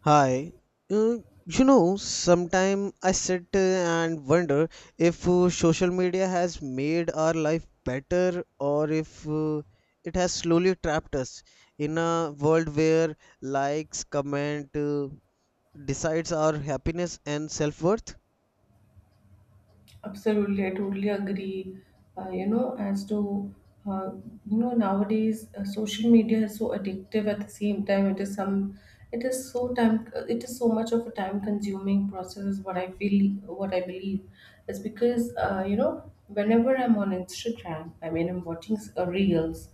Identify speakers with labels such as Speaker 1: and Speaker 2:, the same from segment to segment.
Speaker 1: Hi. Uh, Sometime I sit and wonder if social media has made our life better or if it has slowly trapped us in a world where likes, comment decides our happiness and self-worth.
Speaker 2: Absolutely, I totally agree. You know, as to uh, you know, nowadays social media is so addictive. At the same time, it is so it is so much of a time-consuming process. Is what I feel, what I believe, is because you know, whenever I'm on Instagram, I mean, I'm watching reels.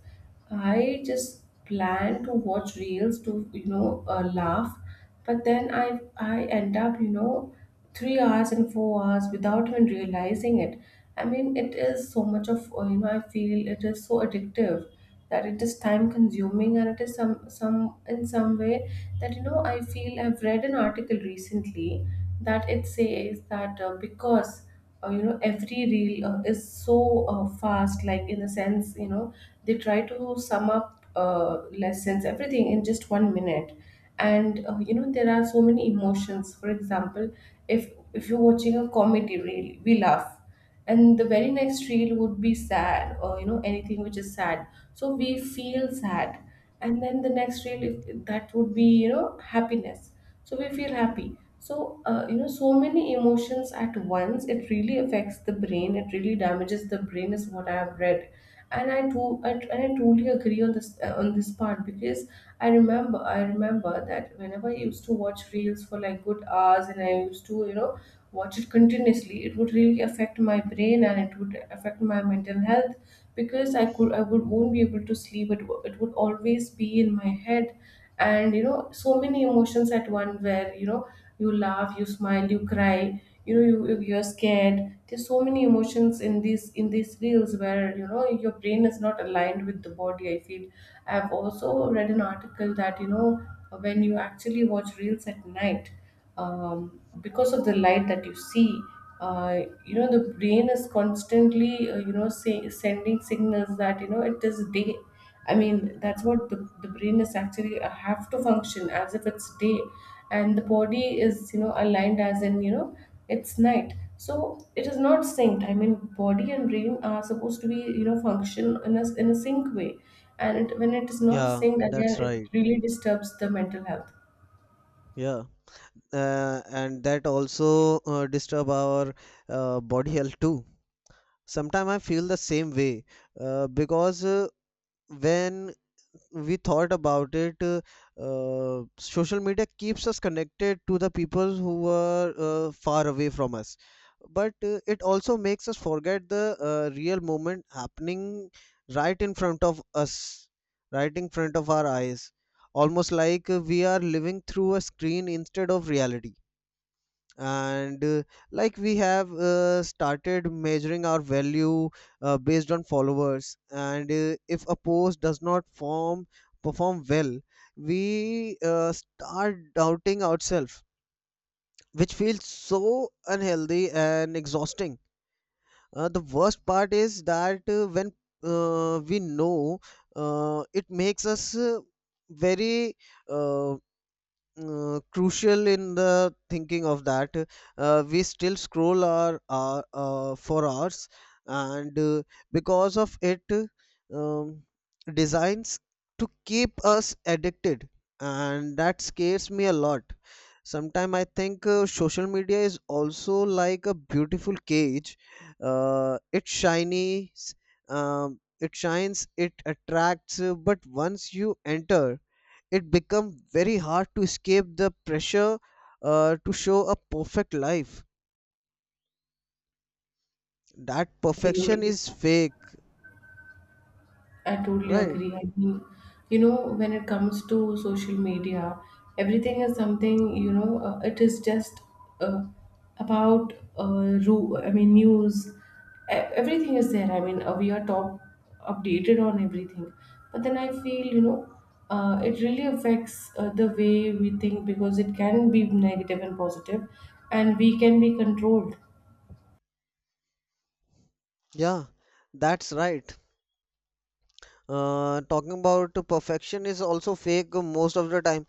Speaker 2: I just plan to watch reels to laugh, but then I end up, 3 hours and 4 hours without even realizing it. I mean, it is so much of I feel it is so addictive that it is time consuming and it is some way that you know. I feel I've read an article recently that it says that because you know, every reel is so fast, like in the sense, you know, they try to sum up lessons, everything in just one minute. And you know, there are so many emotions. For example, if you're watching a comedy reel, we laugh, and the very next reel would be sad, or you know, anything which is sad, so we feel sad. And then the next reel, if, that would be, you know, happiness, so we feel happy. So you know, so many emotions at once, it really affects the brain, it really damages the brain is what I have read. And I totally agree on this part, because I remember that whenever I used to watch reels for like good hours, and I used to, you know, watch it continuously, it would really affect my brain and it would affect my mental health, because I would won't be able to sleep. It would always be in my head, and you know, so many emotions at one, where you know, you laugh, you smile, you cry, you know, you're scared. There's so many emotions in these reels where you know your brain is not aligned with the body. I feel I've also read an article that, you know, when you actually watch reels at night, because of the light that you see, uh, you know, the brain is constantly, you know, sending signals that you know it is day. I mean, that's what the brain is actually have to function as if it's day, and the body is, you know, aligned, as in, you know, it's night. So it is not synced. I mean, body and brain are supposed to be, you know, function in a sync way, and when it is not
Speaker 1: Yeah,
Speaker 2: synced again,
Speaker 1: that's
Speaker 2: it
Speaker 1: right.
Speaker 2: really disturbs the mental health.
Speaker 1: Yeah. And that also disturb our body health too. Sometimes I feel the same way because when we thought about it, social media keeps us connected to the people who are far away from us. But it also makes us forget the real moment happening right in front of us, right in front of our eyes. Almost like we are living through a screen instead of reality, and like we have started measuring our value based on followers. And if a post does not form perform well, we start doubting ourselves, which feels so unhealthy and exhausting. The worst part is that when we know it makes us very uh, crucial in the thinking of that, we still scroll our for hours, and because of it, um, designs to keep us addicted, and that scares me a lot. Sometimes I think social media is also like a beautiful cage. It shiny, it shines, it attracts, but once you enter, it becomes very hard to escape the pressure to show a perfect life. That perfection
Speaker 2: Absolutely.
Speaker 1: is fake,
Speaker 2: I totally
Speaker 1: right?
Speaker 2: agree. I mean, you know, when it comes to social media, everything is something, you know, it is just uh, I mean, news. Everything is there. I mean, we are top updated on everything. But then I feel, you know, it really affects the way we think, because it can be negative and positive, and we can be controlled.
Speaker 1: Yeah, that's right. Talking about perfection is also fake most of the time,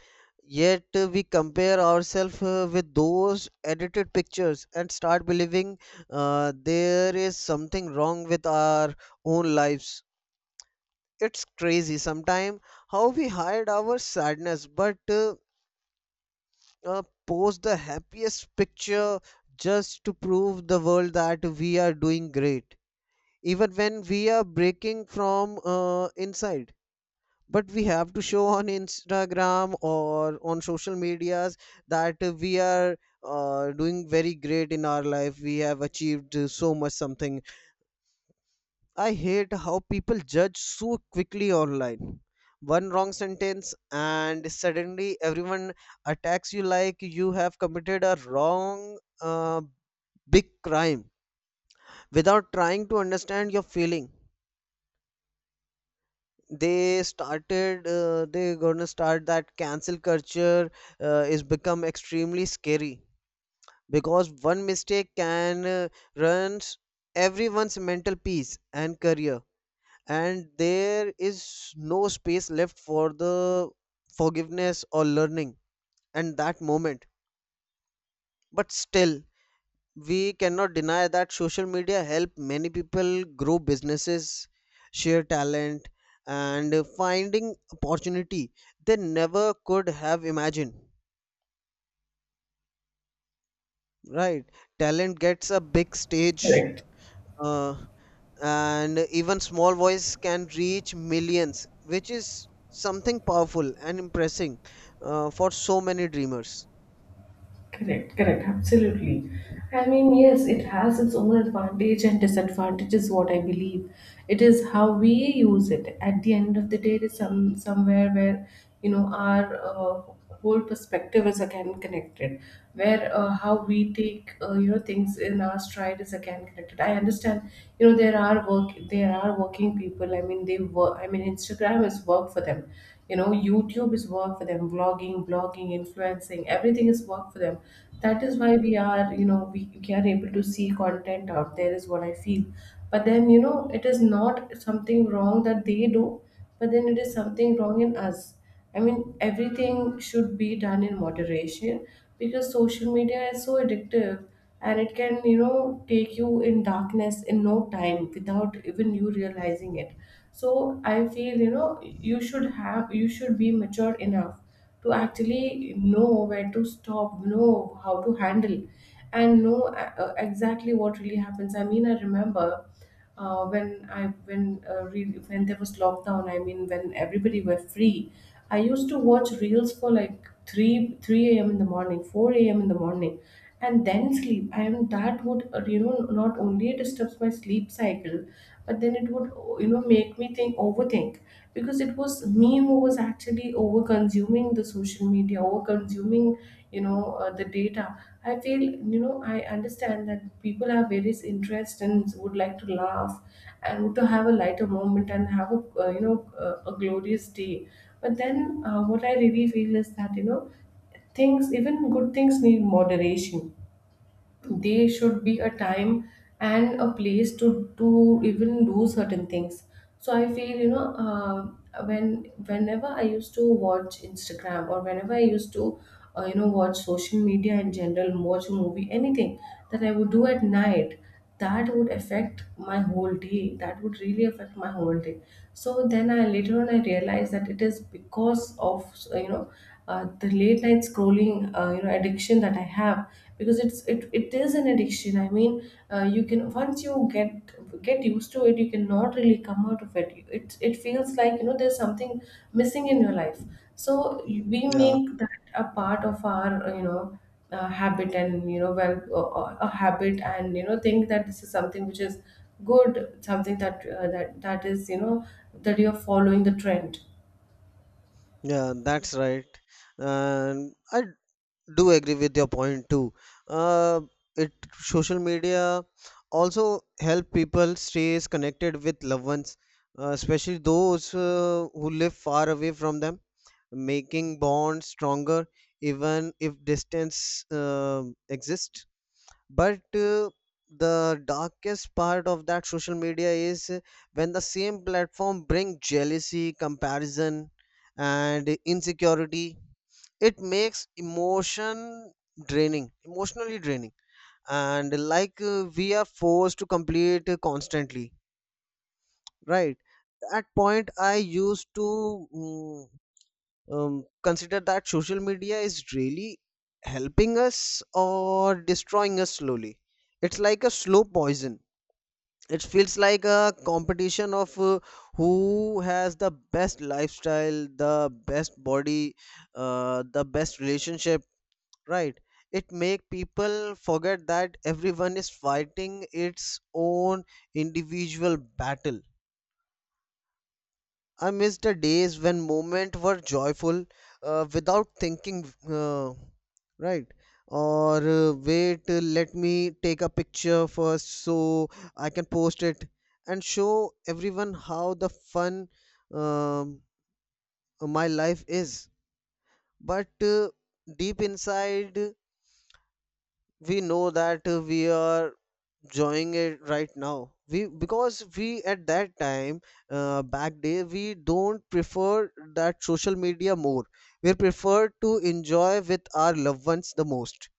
Speaker 1: yet we compare ourselves with those edited pictures and start believing there is something wrong with our own lives. It's crazy sometimes how we hide our sadness but uh, post the happiest picture just to prove the world that we are doing great, even when we are breaking from inside. But we have to show on Instagram or on social medias that we are doing very great in our life. We have achieved so much something. I hate how people judge so quickly online. One wrong sentence, and suddenly everyone attacks you like you have committed a wrong, big crime without trying to understand your feeling. They're gonna start that cancel culture is become extremely scary because one mistake can ruin everyone's mental peace and career, and there is no space left for the forgiveness or learning and that moment. But still, we cannot deny that social media help many people grow businesses, share talent, and finding opportunity they never could have imagined. Right, talent gets a big stage,
Speaker 2: Right.
Speaker 1: uh, and even small voice can reach millions, which is something powerful and impressing for so many dreamers.
Speaker 2: Correct, correct, absolutely. I mean, yes, it has its own advantage and disadvantage is what I believe. It is how we use it. At the end of the day, it is somewhere where you know our whole perspective is again connected. Where how we take, you know, things in our stride is again connected. I understand. You know, there are working people. I mean, they work. I mean, Instagram is work for them, you know, YouTube is work for them, vlogging, blogging, influencing, everything is work for them. That is why we are, you know, we are able to see content out there is what I feel. But then you know, it is not something wrong that they do, but then it is something wrong in us. I mean, everything should be done in moderation, because social media is so addictive, and it can, you know, take you in darkness in no time without even you realizing it. So I feel, you know, you should be mature enough to actually know where to stop, know how to handle, and know exactly what really happens. I mean, I remember when there was lockdown, I mean, when everybody were free, I used to watch reels for like three a.m. in the morning, four a.m. in the morning, and then sleep. I mean, that would, you know, not only disturbs my sleep cycle, but then it would, you know, make me think overthink, because it was me who was actually over consuming the social media, over consuming, you know, the data. I feel, you know, I understand that people have various interests and would like to laugh and would to have a lighter moment and have a, you know, a glorious day. But then what I really feel is that, you know, things, even good things, need moderation. There should be a time and a place to even do certain things. So I feel, you know, whenever I used to watch Instagram, or whenever I used to, you know, watch social media in general, watch a movie, anything that I would do at night, that would really affect my whole day. So then, I later on I realized that it is because of, you know, the late night scrolling, you know, addiction that I have, because it is an addiction. I mean, you can once you get used to it, you cannot really come out of it. It feels like, you know, there's something missing in your life. So we
Speaker 1: Yeah,
Speaker 2: make that a part of our, you know, habit, and you know, a habit, and you know, think that this is something which is good, something that that is, you know, that you're following the trend.
Speaker 1: yeah, that's right. And I do agree with your point too. uh, it social media also help people stays connected with loved ones, especially those who live far away from them, making bonds stronger even if distance exists. But the darkest part of that social media is when the same platform bring jealousy, comparison, and insecurity. It makes emotion draining, emotionally draining, and like we are forced to complete constantly, right? At point I used to mm, consider that social media is really helping us or destroying us slowly. It's like a slow poison. It feels like a competition of who has the best lifestyle, the best body, the best relationship, right? It make people forget that everyone is fighting its own individual battle. I miss the days when moments were joyful without thinking, right? Or let me take a picture first so I can post it and show everyone how the fun um, my life is. But deep inside, we know that we are enjoying it right now, we because we at that time, back day, we don't prefer that social media more. We prefer to enjoy with our loved ones the most,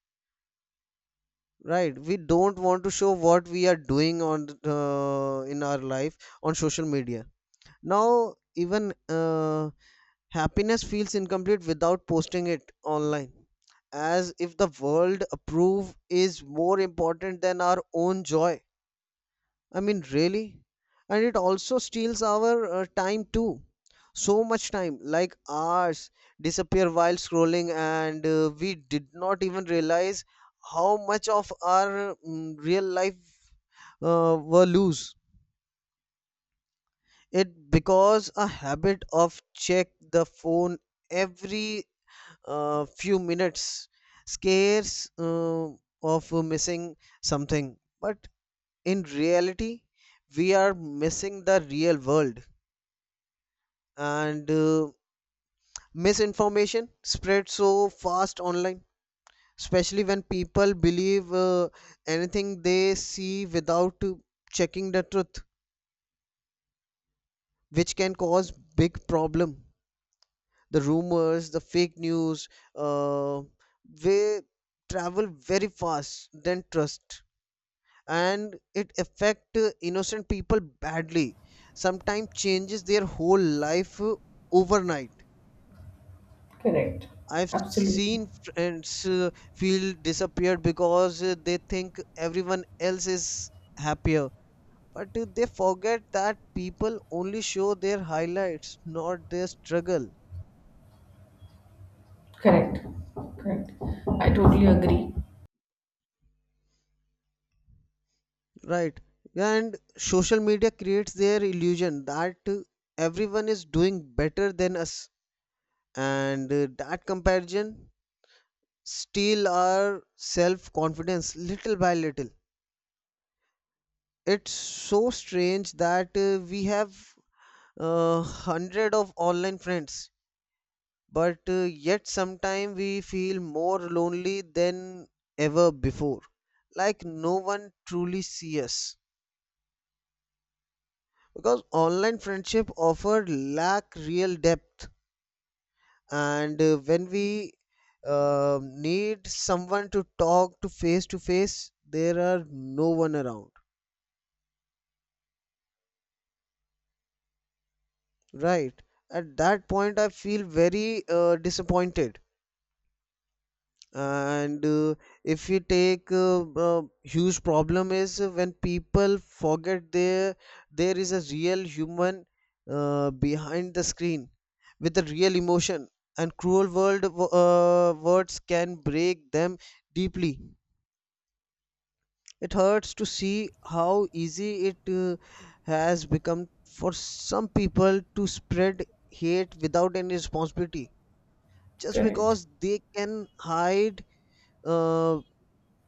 Speaker 1: right? We don't want to show what we are doing on in our life on social media now. Even happiness feels incomplete without posting it online, as if the world approve is more important than our own joy. I mean, really? And it also steals our time too. So much time, like hours, disappear while scrolling, and we did not even realize how much of our real life were lose. It because a habit of check the phone every few minutes, scares of missing something, but in reality, we are missing the real world, and misinformation spreads so fast online, especially when people believe anything they see without checking the truth, which can cause big problem. The rumors, the fake news, uh, they travel very fast than trust, and it affect innocent people badly, sometimes changes their whole life overnight.
Speaker 2: Correct,
Speaker 1: I've
Speaker 2: absolutely.
Speaker 1: seen friends feel disappeared because they think everyone else is happier. But they forget that people only show their highlights, not their struggle.
Speaker 2: Correct, correct, I totally agree.
Speaker 1: Right. And social media creates their illusion that everyone is doing better than us. And that comparison steal our self confidence little by little. It's so strange that we have hundred of online friends, but yet sometimes we feel more lonely than ever before. Like no one truly sees us because online friendship offer lack real depth, and when we need someone to talk to face, there are no one around. Right. At that point, I feel very disappointed, and if you take huge problem is when people forget there is a real human behind the screen with a real emotion, and cruel world words can break them deeply. It hurts to see how easy it has become for some people to spread hate without any responsibility, just
Speaker 2: Correct.
Speaker 1: because they can hide uh,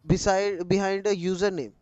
Speaker 1: beside behind a username.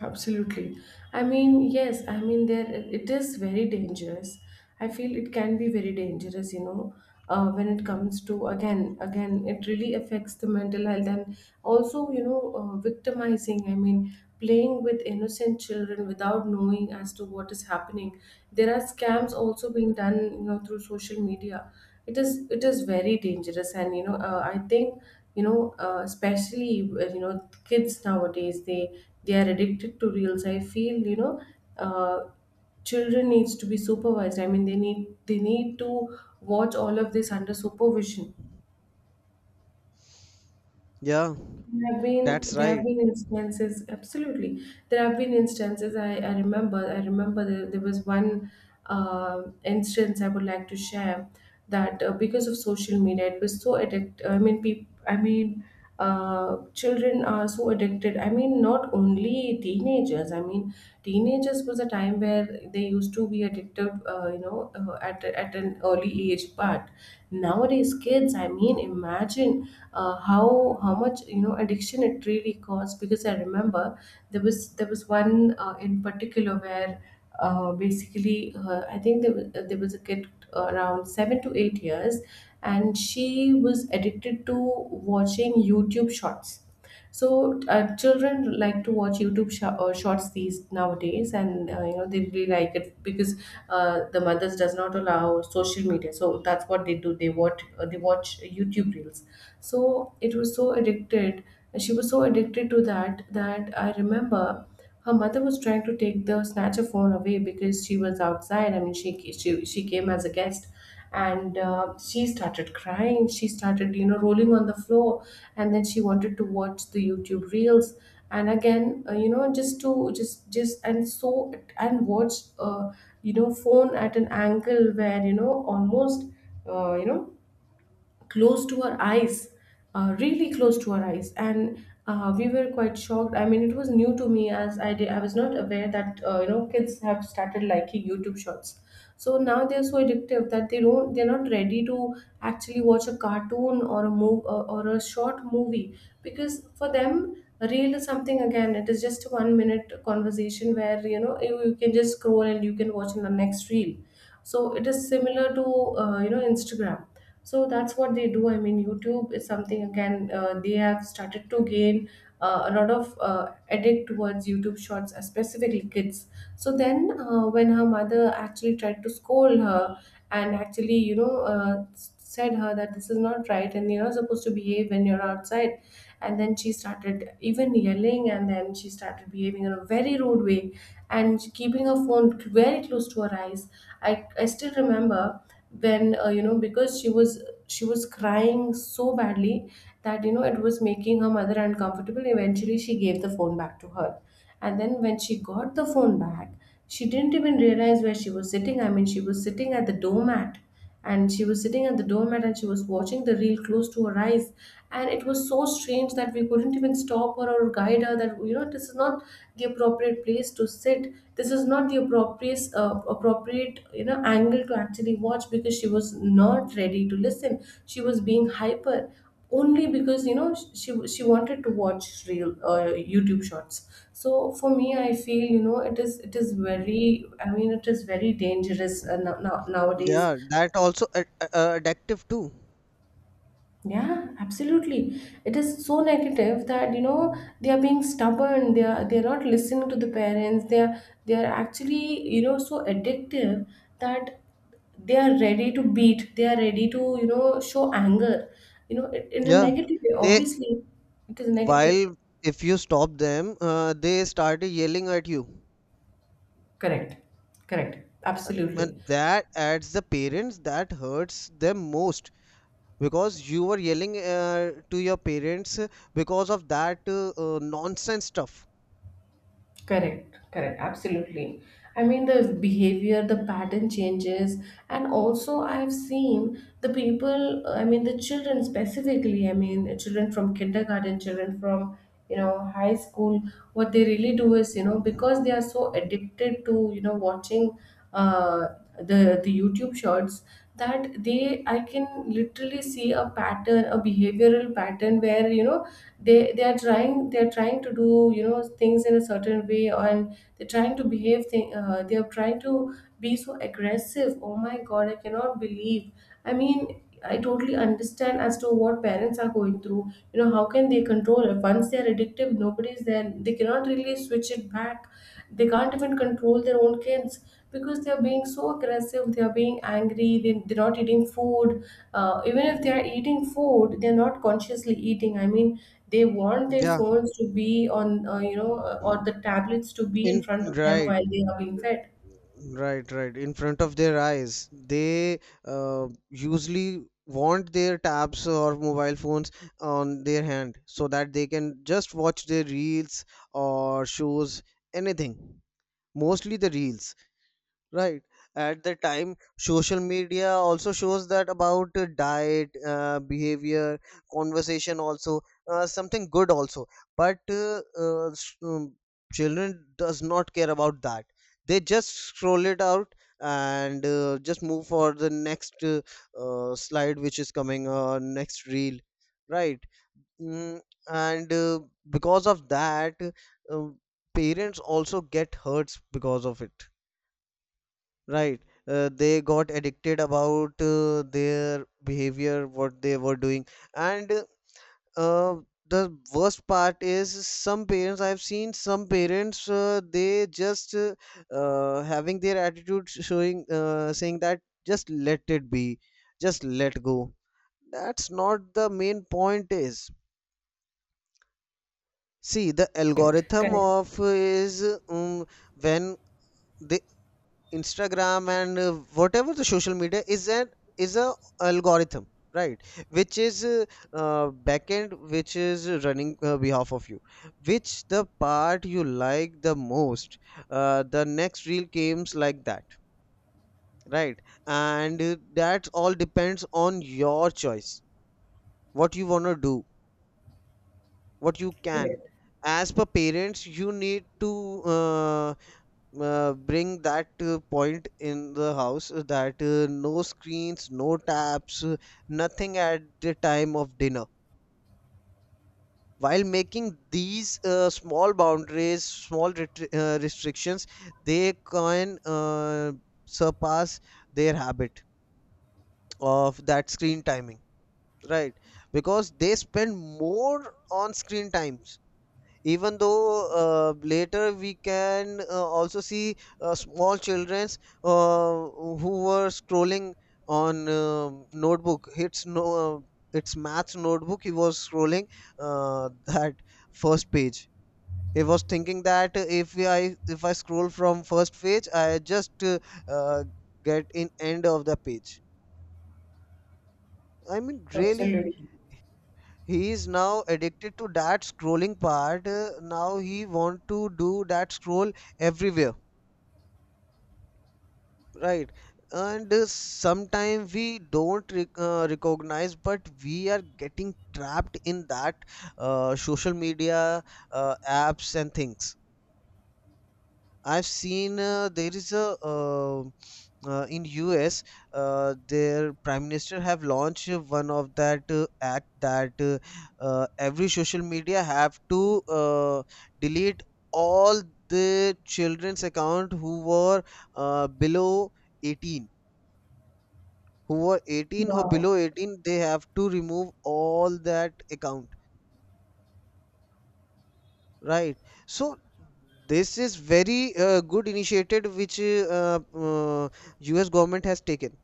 Speaker 2: Absolutely. I mean, yes, I mean, there it is very dangerous. I feel it can be very dangerous, you know, when it comes to, again, it really affects the mental health, and also, you know, victimizing. I mean, playing with innocent children without knowing as to what is happening. There are scams also being done, you know, through social media. It is very dangerous, and you know, I think, you know, especially, you know, kids nowadays, they are addicted to reels, I feel, you know, uh, children needs to be supervised. I mean, they need to watch all of this under supervision.
Speaker 1: Yeah, that's
Speaker 2: There have
Speaker 1: right.
Speaker 2: been instances, absolutely, there have been instances. I remember, there, there was one instance I would like to share, that because of social media, it was so addict. I mean, I mean, children are so addicted. I mean, not only teenagers. I mean, teenagers was a time where they used to be addicted, you know, at an early age, but nowadays kids, I mean, imagine how much, you know, addiction it really caused, because I remember there was one in particular where, basically I think there was a kid around 7 to 8 years, and she was addicted to watching YouTube shorts. So children like to watch shorts these nowadays, and you know, they really like it because the mothers does not allow social media. So that's what they do. They watch, YouTube reels. So it was so addicted. She was so addicted to that that I remember her mother was trying to take the snatcher phone away, because she was outside. I mean, she came as a guest, and she started crying. She started, you know, rolling on the floor, and then she wanted to watch the YouTube reels. And again, you know, just to just just and so and watch, uh, you know, phone at an angle where you know almost, uh, you know, close to our eyes, really close to our eyes, and we were quite shocked. I mean, it was new to me as I did. I was not aware that you know, kids have started liking YouTube Shorts. So now they are so addictive that they're not ready to actually watch a cartoon or a move or a short movie, because for them a reel is something. Again, it is just a 1 minute conversation where you can just scroll and you can watch in the next reel. So it is similar to Instagram. So that's what they do. I mean, YouTube is something. Again, they have started to gain a lot of addict towards YouTube shorts, specifically kids. So then when her mother actually tried to scold her and actually said her that this is not right and you're not supposed to behave when you're outside, and then she started even yelling, and then she started behaving in a very rude way and keeping her phone very close to her eyes. I still remember when, because she was crying so badly that you know it was making her mother uncomfortable. Eventually she gave the phone back to her, and then when she got the phone back, she didn't even realize where she was sitting. I mean, she was sitting at the doormat, and she was sitting at the doormat and she was watching the reel close to her eyes. And it was so strange that we couldn't even stop her or guide her, that you know this is not the appropriate place to sit. This is not the appropriate you know angle to actually watch, because she was not ready to listen. She was being hyper only because you know she wanted to watch real YouTube shorts. So for me, I feel you know it is very, I mean, it is very dangerous nowadays.
Speaker 1: Yeah, that also addictive too.
Speaker 2: Yeah, absolutely. It is so negative that you know they are being stubborn. They are not listening to the parents. They are actually, you know, so addictive that they are ready to beat. They are ready to, you know, show anger. You know it, in a
Speaker 1: Yeah,
Speaker 2: negative way.
Speaker 1: they.
Speaker 2: Obviously, it is negative.
Speaker 1: While, if you stop them, they started yelling at you.
Speaker 2: Correct. Correct. Absolutely.
Speaker 1: And that adds the parents, that hurts them most, because you were yelling to your parents because of that nonsense stuff.
Speaker 2: Correct, correct, absolutely. I mean, the behavior, the pattern changes. And also I've seen the people, I mean, the children specifically, I mean, children from kindergarten, children from, you know, high school, what they really do is, you know, because they are so addicted to, you know, watching uh, the YouTube shorts, that they, I can literally see a pattern, a behavioral pattern where, you know, they are trying to do you know things in a certain way, and they're trying to behave they are trying to be so aggressive. Oh my god, I cannot believe. I mean, I totally understand as to what parents are going through. You know, how can they control it? Once they're addictive, nobody's there. They cannot really switch it back. They can't even control their own kids because they're being so aggressive. They're being angry. They're not eating food. Even if they're eating food, they're not consciously eating. I mean, they want their
Speaker 1: Yeah
Speaker 2: phones to be on, or the tablets to be in
Speaker 1: in
Speaker 2: front of them
Speaker 1: right.
Speaker 2: while they are being fed.
Speaker 1: Right, right. In front of their eyes, they usually want their tabs or mobile phones on their hand so that they can just watch their reels or shows, anything. Mostly the reels. Right. At the time, social media also shows that about diet, behavior, conversation, also something good also. But children does not care about that. They just scroll it out and just move for the next slide which is coming, or next reel, right? Mm, and because of that, uh, parents also get hurts because of it. Right. They got addicted about their behavior, what they were doing. And uh, the worst part is some parents, I've seen some parents, they just having their attitude showing, saying that just let it be, just let go. That's not the main point is. See, the algorithm
Speaker 2: Correct,
Speaker 1: of is um, when they Instagram and whatever the social media is an is a algorithm, right? Which is backend, which is running behalf of you. Which the part you like the most, the next reel comes like that, right? And that all depends on your choice, what you wanna do, what you can.
Speaker 2: correct.
Speaker 1: As per parents, you need to bring that point in the house that no screens, no taps, nothing at the time of dinner. While making these small boundaries, small restrictions, they can surpass their habit of that screen timing, right? Because they spend more on screen times, even though later we can also see small childrens uh, who were scrolling on notebook. It's no it's maths notebook he was scrolling that first page. He was thinking that if I scroll from first page I just uh, get in end of the page. I mean, really,
Speaker 2: Absolutely.
Speaker 1: he is now addicted to that scrolling part. Now he want to do that scroll everywhere, right? And sometimes we don't recognize, but we are getting trapped in that social media apps and things. I've seen there is a in US, their prime minister have launched one of that act that every social media have to delete all the children's account who were below 18. Who were 18 or
Speaker 2: Wow.
Speaker 1: below 18, they have to remove all that account. Right. So this is very good initiative which US government has taken.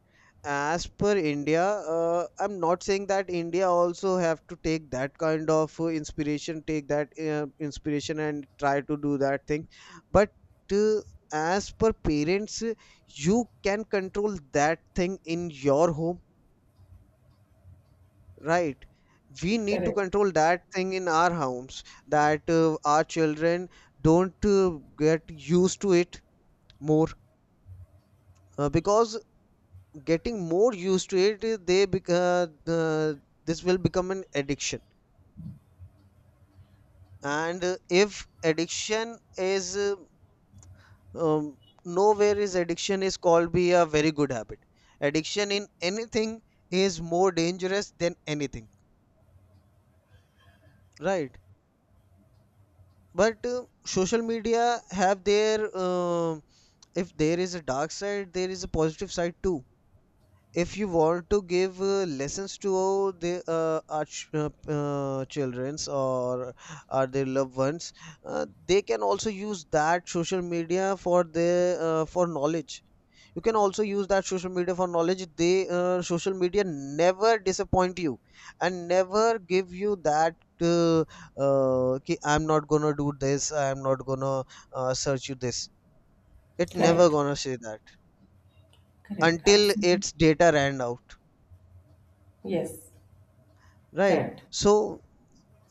Speaker 1: As per India, I'm not saying that India also have to take that kind of inspiration, take that inspiration and try to do that thing. But uh, as per parents, you can control that thing in your home. Right. We need to
Speaker 2: Correct.
Speaker 1: control that thing in our homes that our children don't get used to it more, because getting more used to it, this will become an addiction. And if addiction is um, nowhere is addiction is called be a very good habit. Addiction in anything is more dangerous than anything, right? But social media have their if there is a dark side, there is a positive side too. If you want to give lessons to the our childrens or are their loved ones, they can also use that social media for their for knowledge. You can also use that social media for knowledge. They Social media never disappoint you, and never give you that. Uh, Ki, I'm not gonna do this. I'm not gonna search you this. It never
Speaker 2: Correct,
Speaker 1: gonna say that
Speaker 2: correct,
Speaker 1: until
Speaker 2: absolutely.
Speaker 1: its data ran out,
Speaker 2: Yes,
Speaker 1: right?
Speaker 2: correct.
Speaker 1: So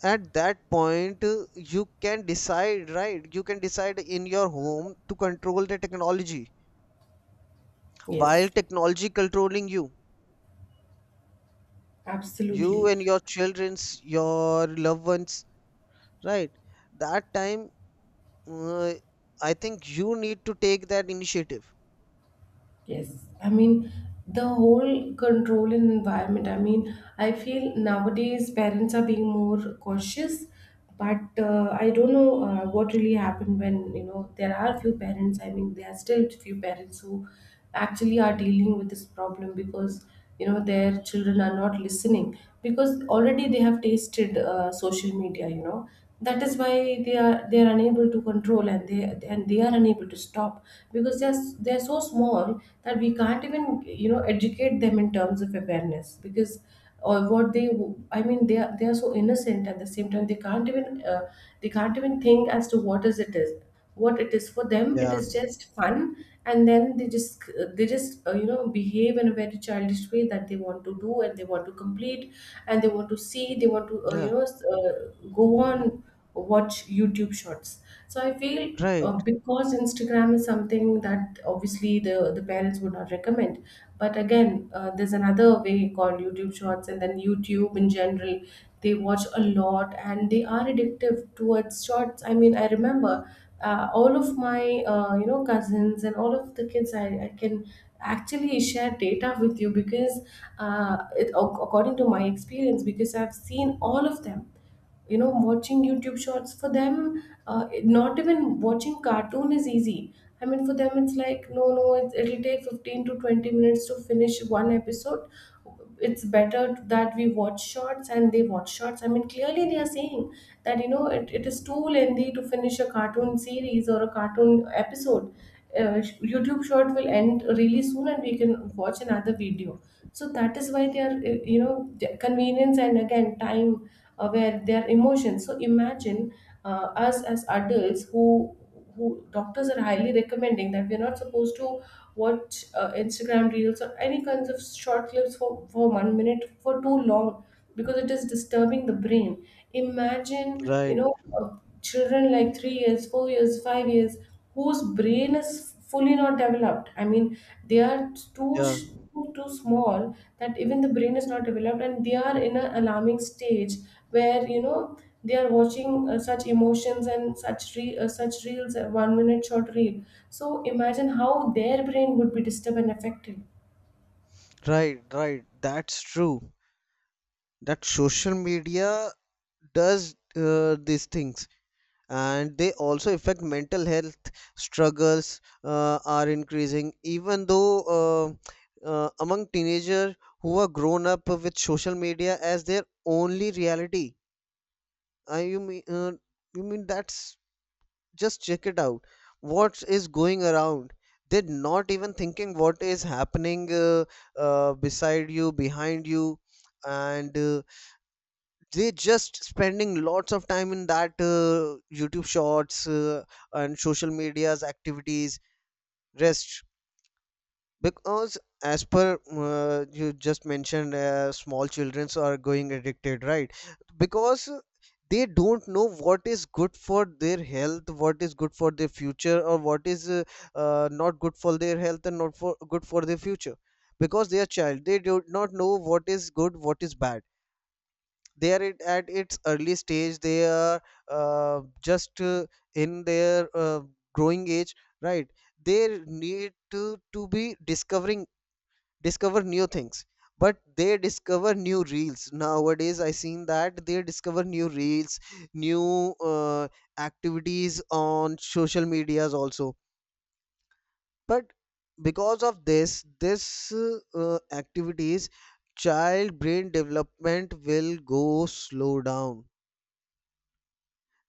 Speaker 1: at that point you can decide, right? You can decide in your home to control the technology while
Speaker 2: Yes,
Speaker 1: technology controlling you, you
Speaker 2: absolutely.
Speaker 1: and your children's, your loved ones, right? That time, uh, I think you need to take that initiative.
Speaker 2: Yes. I mean, the whole control and environment. I mean, I feel nowadays parents are being more cautious, but I don't know what really happened when, you know, there are few parents. I mean, there are still few parents who actually are dealing with this problem because, you know, their children are not listening because already they have tasted social media, you know. That is why they are unable to control, and they are unable to stop because they are, they are so small that we can't even you know educate them in terms of awareness, because or what they, I mean, they are so innocent. At the same time, they can't even think as to what it is. For them it
Speaker 1: Yeah.
Speaker 2: is just fun. And then they just, you know, behave in a very childish way, that they want to do, and they want to complete, and they want to see, they want to
Speaker 1: Yeah.
Speaker 2: go on, watch YouTube shorts. So I feel
Speaker 1: Right.
Speaker 2: because Instagram is something that obviously the parents would not recommend, but again there's another way called YouTube shorts, and then YouTube in general. They watch a lot and they are addictive towards shorts. I mean, I remember all of my cousins and all of the kids. I can actually share data with you because according to my experience, because I've seen all of them, you know, watching YouTube shorts. For them not even watching cartoon is easy. I mean, for them it's like no no it'll take 15 to 20 minutes to finish one episode. It's better that we watch shorts, and they watch shorts. I mean clearly they are saying that you know it is too lengthy to finish a cartoon series or a cartoon episode. uh, YouTube short will end really soon and we can watch another video. So that is why they are, the convenience, and again time, aware their emotions. So imagine us as adults who doctors are highly recommending that we're not supposed to watch Instagram reels or any kinds of short clips for 1 minute, for too long, because it is disturbing the brain. Imagine you
Speaker 1: Right.
Speaker 2: know uh, children like 3 years, 4 years, 5 years, whose brain is fully not developed. I mean, they are too
Speaker 1: Yeah.
Speaker 2: sh- too small, that even the brain is not developed and they are in an alarming stage where you know they are watching such emotions and such reels, 1 minute short reel. So imagine how their brain would be disturbed and affected.
Speaker 1: Right, right, that's true, that social media does these things, and they also affect mental health struggles are increasing even though, uh, among teenagers who are grown up with social media as their only reality. I you mean You mean, that's, just check it out, what is going around. They're not even thinking what is happening, beside you, behind you. And they just spending lots of time in that youtube shorts, and social media's activities rest. Because as per, you just mentioned, small childrens are going addicted, right? Because they don't know what is good for their health, what is good for their future, or what is not good for their health and not for good for their future. Because they are child, they do not know what is good, what is bad. They are, it, at its early stage, they are just in their growing age, right? They need to be discovering, discover new things. But they discover new reels nowadays, I seen that they discover new reels, new, uh, activities on social medias also. But because of this uh, activities, child brain development will go slow down.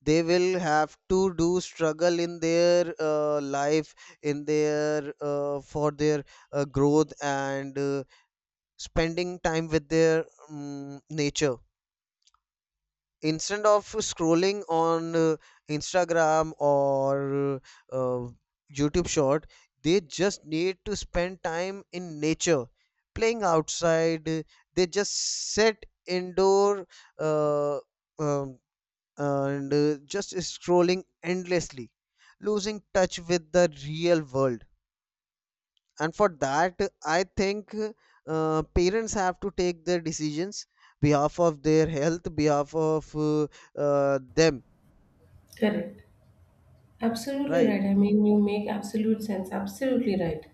Speaker 1: They will have to do struggle in their life, in their for their growth, and spending time with their nature, instead of scrolling on instagram or uh, youtube short. They just need to spend time in nature, playing outside. They just sit indoor, uh, um, and just scrolling endlessly, losing touch with the real world. And for that, I think parents have to take their decisions, behalf of their health, behalf of them,
Speaker 2: Correct. Absolutely
Speaker 1: right?
Speaker 2: right. I mean, you make absolute sense. Absolutely right.